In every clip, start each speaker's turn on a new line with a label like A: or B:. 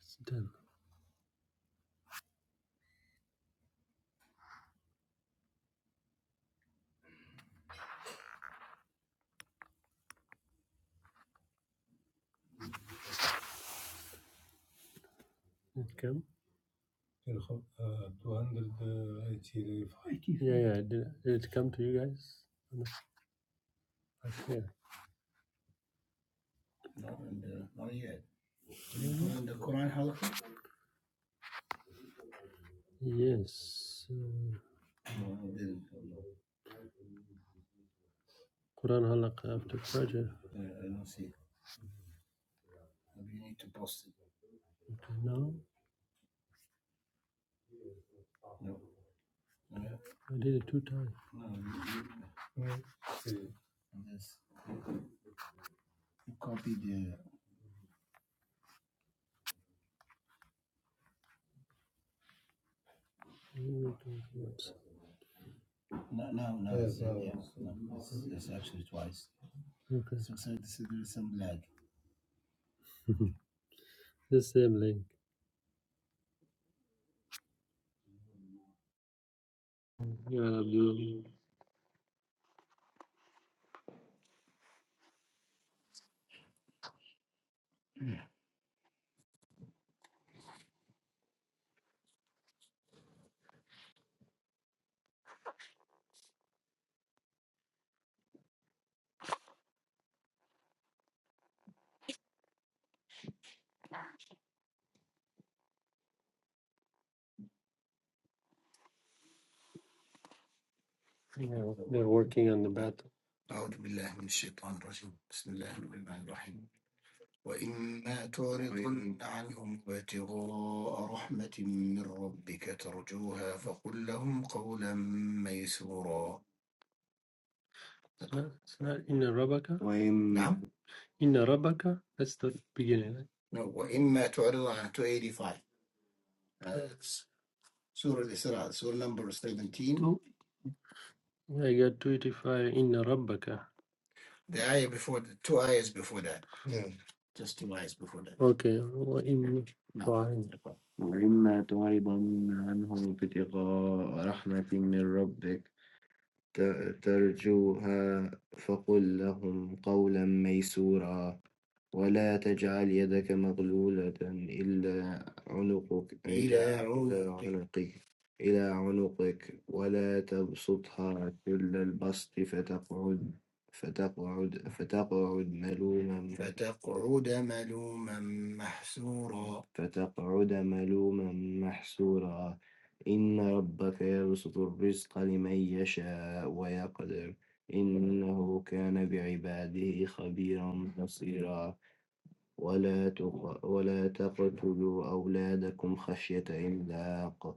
A: It's done. It come? uh, Yeah, yeah. Did, did it come to you guys? Yeah. Yes. Uh, Quran halak after prayer. Okay. Now I did it two times. Mm, Okay. The same link. Yeah, Abdul. Yeah, they're working on the battle. No, It's not Inna Rabbaka. Inna Rabbaka. That's the beginning. right? Oh, I got 285 Inna Rabbaka. أوكي وإن نعم تعرض وإما تعرضن عنهم ابتغاء رحمة من ربك ت- ترجوها فقل لهم قولا ميسورا ولا تجعل يدك مغلولة إلى عنقك عنقك- إلى عنقك ولا تبسطها كل البسط فتقعد فتقعد فتقعد ملوما فتقعد ملوما محسورا إن ربك يبسط الرزق لمن يشاء ويقدر إنه كان بعباده خبيرا بصيرا ولا تق ولا تقتلوا أولادكم خشية إملاق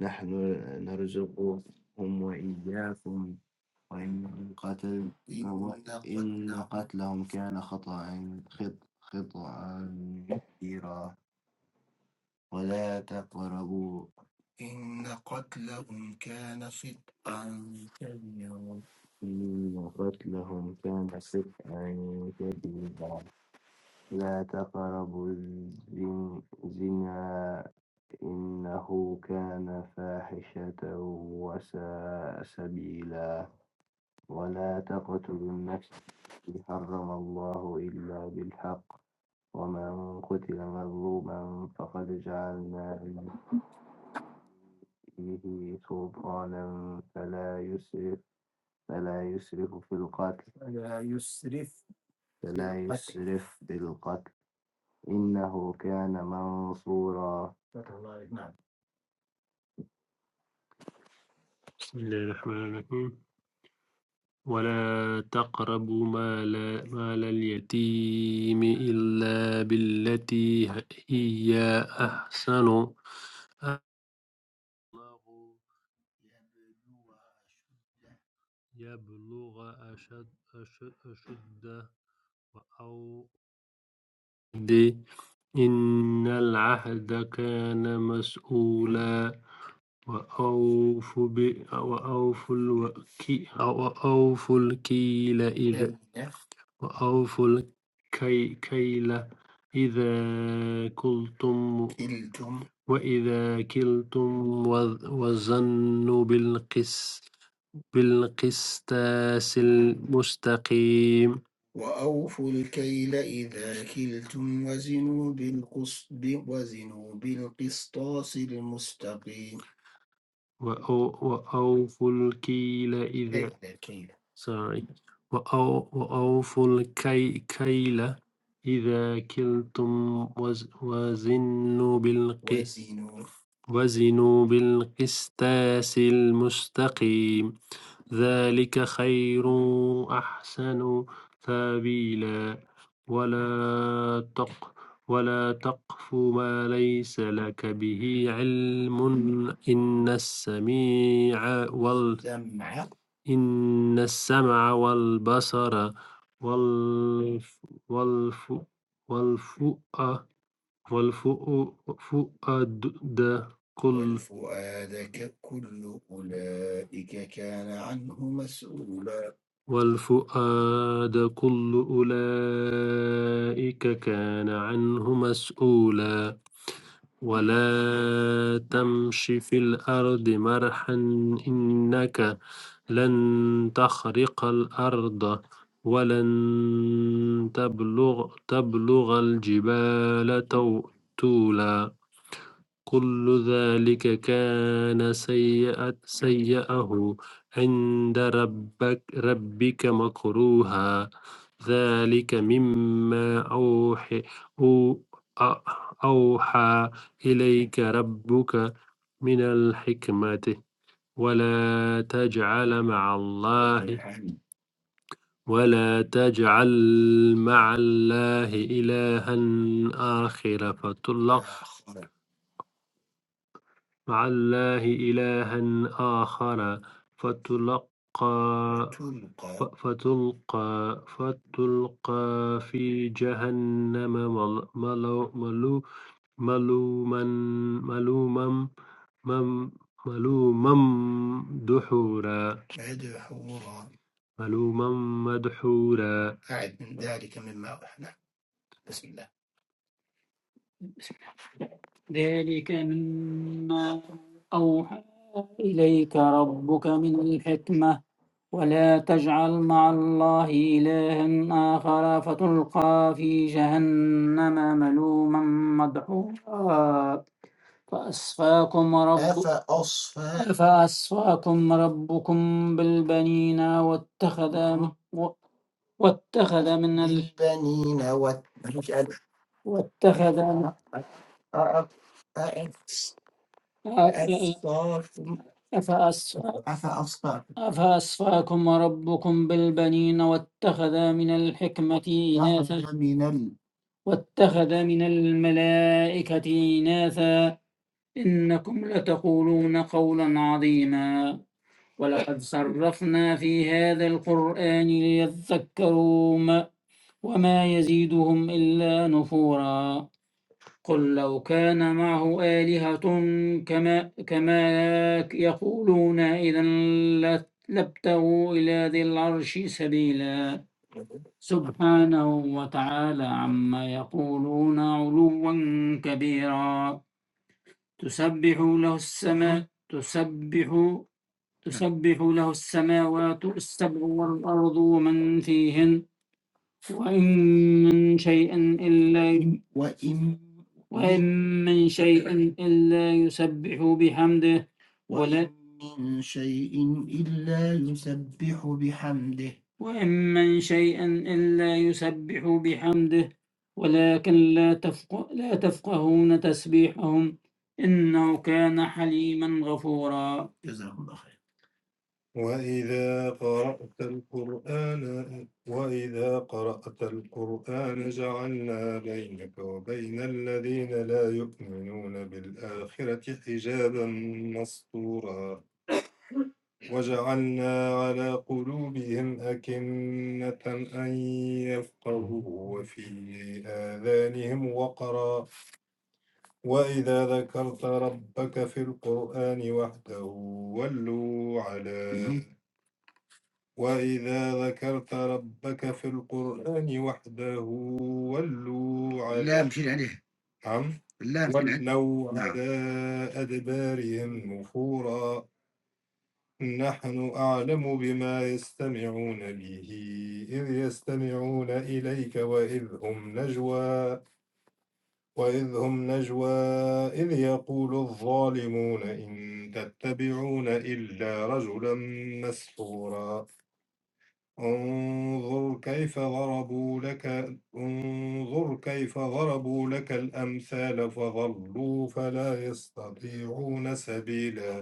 A: نحن نرزقهم وإياكم وإن قتل قتلهم كان خطأ خط خطأ كبيرا ولا تقربوا مرت لهم كان سبعا كبيرا لا تقربوا الزن- الزنا إنه كان فاحشة وساء سبيلا ولا تقتلوا النفس التي حرم الله إلا بالحق ومن قتل مظلوما فقد جعلنا فيه سلطانا فلا يسرف فلا يسرف في القتل فلا يسرف في القتل إنه كان منصورا بسم الله الرحمن الرحيم ولا تقربوا مال مال اليتيم إلا بالتي هي أحسن الله يبلغ أشد أشد أشده أو إن العهد كان مسؤولا وأوفوا ب- وأوفوا الوكي- وأوفوا الكيل وَأَوْفُوا الكي- كَيْلَ إِذَا كِلْتُمْ وَإِذَا كِلْتُمْ وَ- وَزَنُوا بالقس بِالْقِسْطَاسِ الْمُسْتَقِيمِ وَأَو- وَأَوْفُوا الكيل إذا sorry وأو- وَأَوْفُوا الكي- كَيْلَ إِذَا كِلْتُمْ وَز- وَزِنُوا بالقسطاس وزنوا بالقسطاس المستقيم ذلك خير أحسن تأويلا ولا تق ولا تقف ما ليس لك به علم إن السميع وال إن السمع والبصر والف والف والفؤ والفؤ- فؤاد كل وَالْفُؤَادَ كُلُّ أُولَئِكَ كَانَ عَنْهُ مَسْئُولًا وَلَا تَمْشِ فِي الْأَرْضِ مَرْحًا إِنَّكَ لَنْ تَخْرِقَ الْأَرْضَ وَلَنْ تَبْلُغَ تَبْلُغَ الْجِبَالَ طُولًا كل ذلك كان سيئة سيئه عند ربك ربك مكروها ذلك مما أوحي أو أ- أوحى إليك ربك من الحكمة ولا تجعل مع الله ولا تجعل مع الله إلها آخر فتلقى مع الله إلها آخر فتلقى فتلقى فتلقى في جهنم مل- ملو- ملو- ملوما ملوما مم- ملوما دحورا ملوما مدحورا ذلك مما أوحى إلي رب مع الله إلها آخر فتلقى في جهنم فأصفاكم ربكم فأصفاكم ربكم بالبنين واتخذ واتخذ من ال... واتخذ أفأص... أفأصفاكم ربكم بالبنين واتخذ من الحكمة إناثا واتخذ من الملائكة إناثا إنكم لتقولون قولا عظيما ولقد صرفنا في هذا القرآن ليذكروا ما- وما يزيدهم إلا نفورا قل لو كان معه آلهة كما, كما يقولون إذا لا- لابتغوا إلى ذي العرش سبيلا سبحانه وتعالى عما يقولون علوا كبيرا تسبح له السماء تسبح تسبح له السماوات السبع والأرض ومن فيهن وإن من شيء إلا وإن من شيء إلا يسبح بحمده ولا وإن من شيء إلا يسبح بحمده ولكن لا تفق لا تفقهون تسبيحهم إنه كان حليما غفورا وإذا قرأت القرآن وإذا قرأت القرآن جعلنا بينك وبين الذين لا يؤمنون بالآخرة حجابا مستورا وجعلنا على قلوبهم أكنة أن يفقهوا وفي آذانهم وقرا وإذا ذكرت ربك في القرآن وحده ولوا على وإذا ذكرت ربك في القرآن وحده ولوا عن لو على أدبارهم نفورا نحن أعلم بما يستمعون به إذ يستمعون إليك وإذ هم نجوى وإذ هم نجوى إذ يقول الظالمون إن تتبعون إلا رجلا مسحورا انظر كيف ضربوا لك انظر كيف ضربوا لك الأمثال فضلوا فلا يستطيعون سبيلا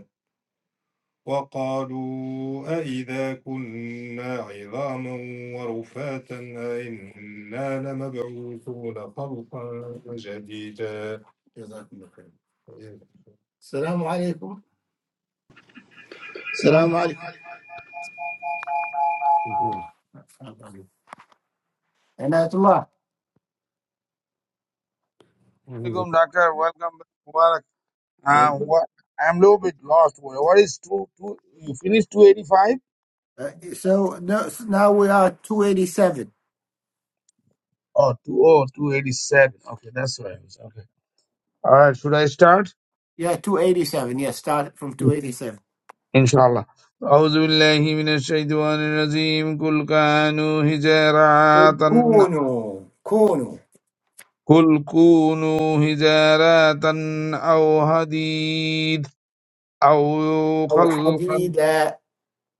A: وقالوا أإذا كنا عظاما ورفاتا أإنا لمبعوثون خلقا جديدا
B: Salam alaikum.
C: Alaikum, doctor. Welcome back. Mubarak. Uh, what, I'm a little bit lost. What what is two, two, you finished 285? Oh, two, oh, 287. Okay, that's what I was. Okay. All right, should I start? Inshallah. أعوذ بالله من الشيطان الرجيم قل كانوا حجارة قل كونوا حجارة أو حديد أو خلقا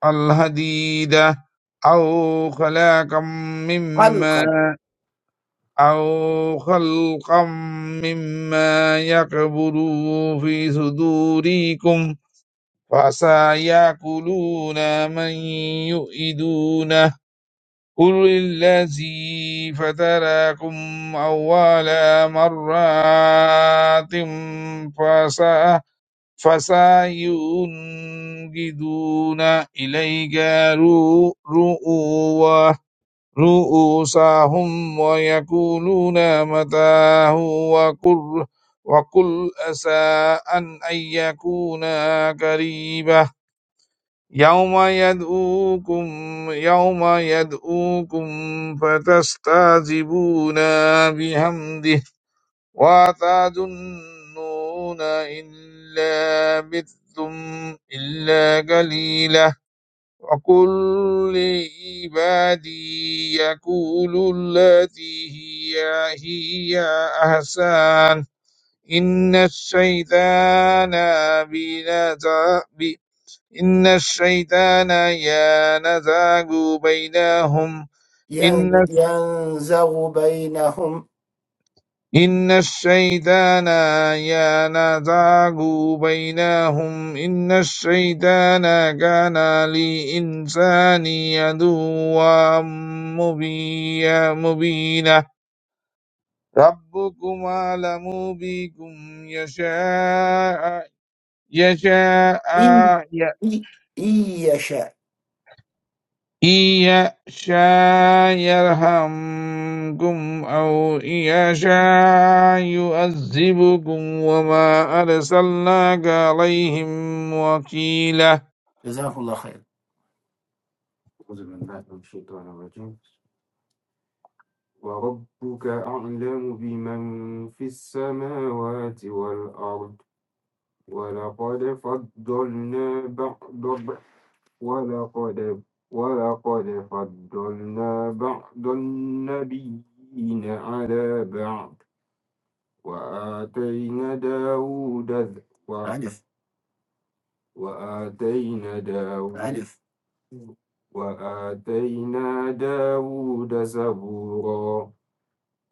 C: الحديد أو خلاقا مما أو خلقا مما يكبر في صدوركم فعسى يأكلون من يؤيدونه قل الذي فتراكم أول مرات فسا فسينجدون إليك رؤوه رؤوسهم ويقولون متى هو وقل, وقل أسى أن أن يكون قريبا يوم يدعوكم يوم يدعوكم فتستعجبون بحمده وتظنون إلا بثم إلا قليلا وقل لعبادي يقول التي هي هي أحسن إن الشيطان بنزا ب- إن الشيطان ينزغ بينهم إن إن الشيطان ينزغ بينهم إن الشيطان كان للإنسان عدوا مبي- مبينا ربكم أعلم بكم يشاء يشاء إن يشاء يرحمكم أو إن يشاء يعذبكم وما أرسلناك عليهم وكيلا
A: أعوذ بالله من الشيطان الرجيم وربك أعلم بمن في السماوات والأرض ولقد فضلنا بعض ولقد ولقد فضلنا بعض النبيين على بعض وآتينا داود ز- وآتينا داود وآتينا داود زبورا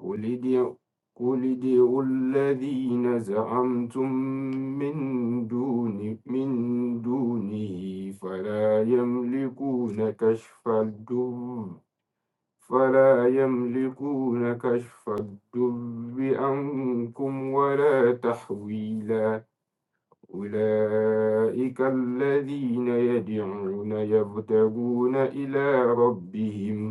A: قل ادعوا قل ادعوا الذين زعمتم من دون من دونه فلا يملكون كشف الدر فلا يملكون كشف الدر عنكم ولا تحويلا أولئك الذين يدعون يبتغون إلى ربهم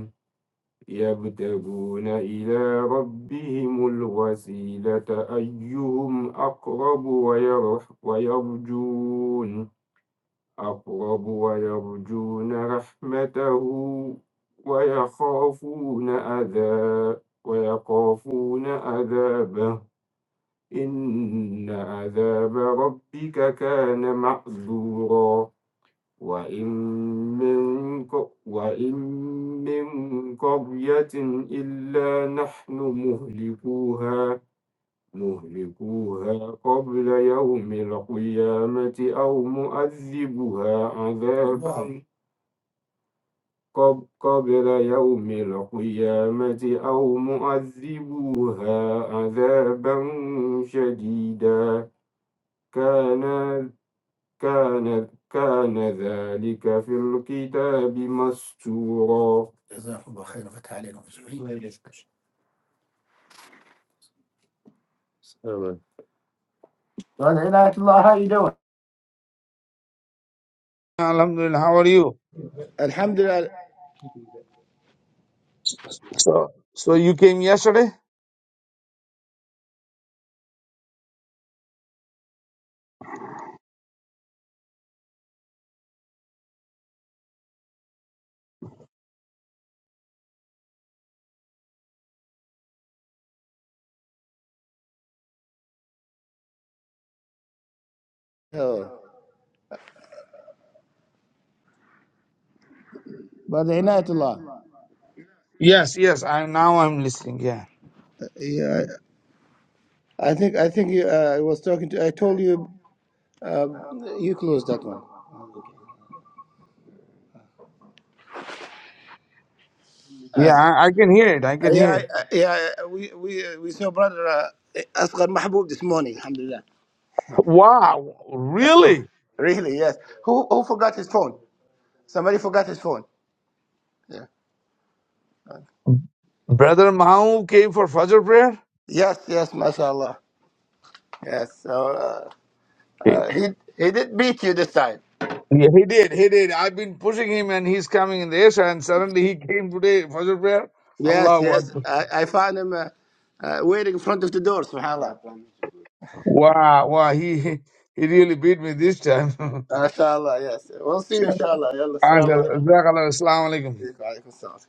A: يبتغون إلى ربهم الوسيلة أيهم أقرب ويرح ويرجون أقرب ويرجون رحمته ويخافون عذاب ويخافون عذابه إن عذاب ربك كان محذورا وإن من ق- وإن من قرية إلا نحن مهلكوها مهلكوها قبل يوم القيامة أو مؤذبها عذاب قب- قبل يوم القيامة أو مؤذبوها عذابا شديدا كان كان كان ذلك في الكتاب مسطورا
C: Alhamdulillah, how are you?
B: Alhamdulillah.
C: So, so you came yesterday?
B: Oh, by the inayat Allah.
C: Yes, yes. I now I'm listening. Yeah,
B: Yeah, I I think I think you, uh, I was talking to. I told you, uh, you closed that one. Uh,
C: yeah. I, I can hear it. I can
B: yeah,
C: hear it.
B: I- I- yeah. We we uh, we saw brother uh, Asghar Mahbub this morning. Alhamdulillah.
C: Wow, really,
B: Really? Yes. Who who forgot his phone? Somebody forgot his phone. Yeah.
C: brother Mahu came for Fajr prayer.
B: Yes. Yes. MashaAllah. Yes. So uh, uh, he he did beat you this time.
C: Yeah, he did. He did. I've been pushing him and he's coming in the Asia and suddenly he came today for the prayer.
B: Yes.
C: Allah was
B: Yes. I, I found him uh, uh, waiting in front of the door. Subhanallah.
C: wow, wow, he he really beat me this time.
B: Inshallah, yes. We'll see you inshallah. Yalla, salam alaikum.
C: Assalamu alaikum.
B: Wa alaikum salam.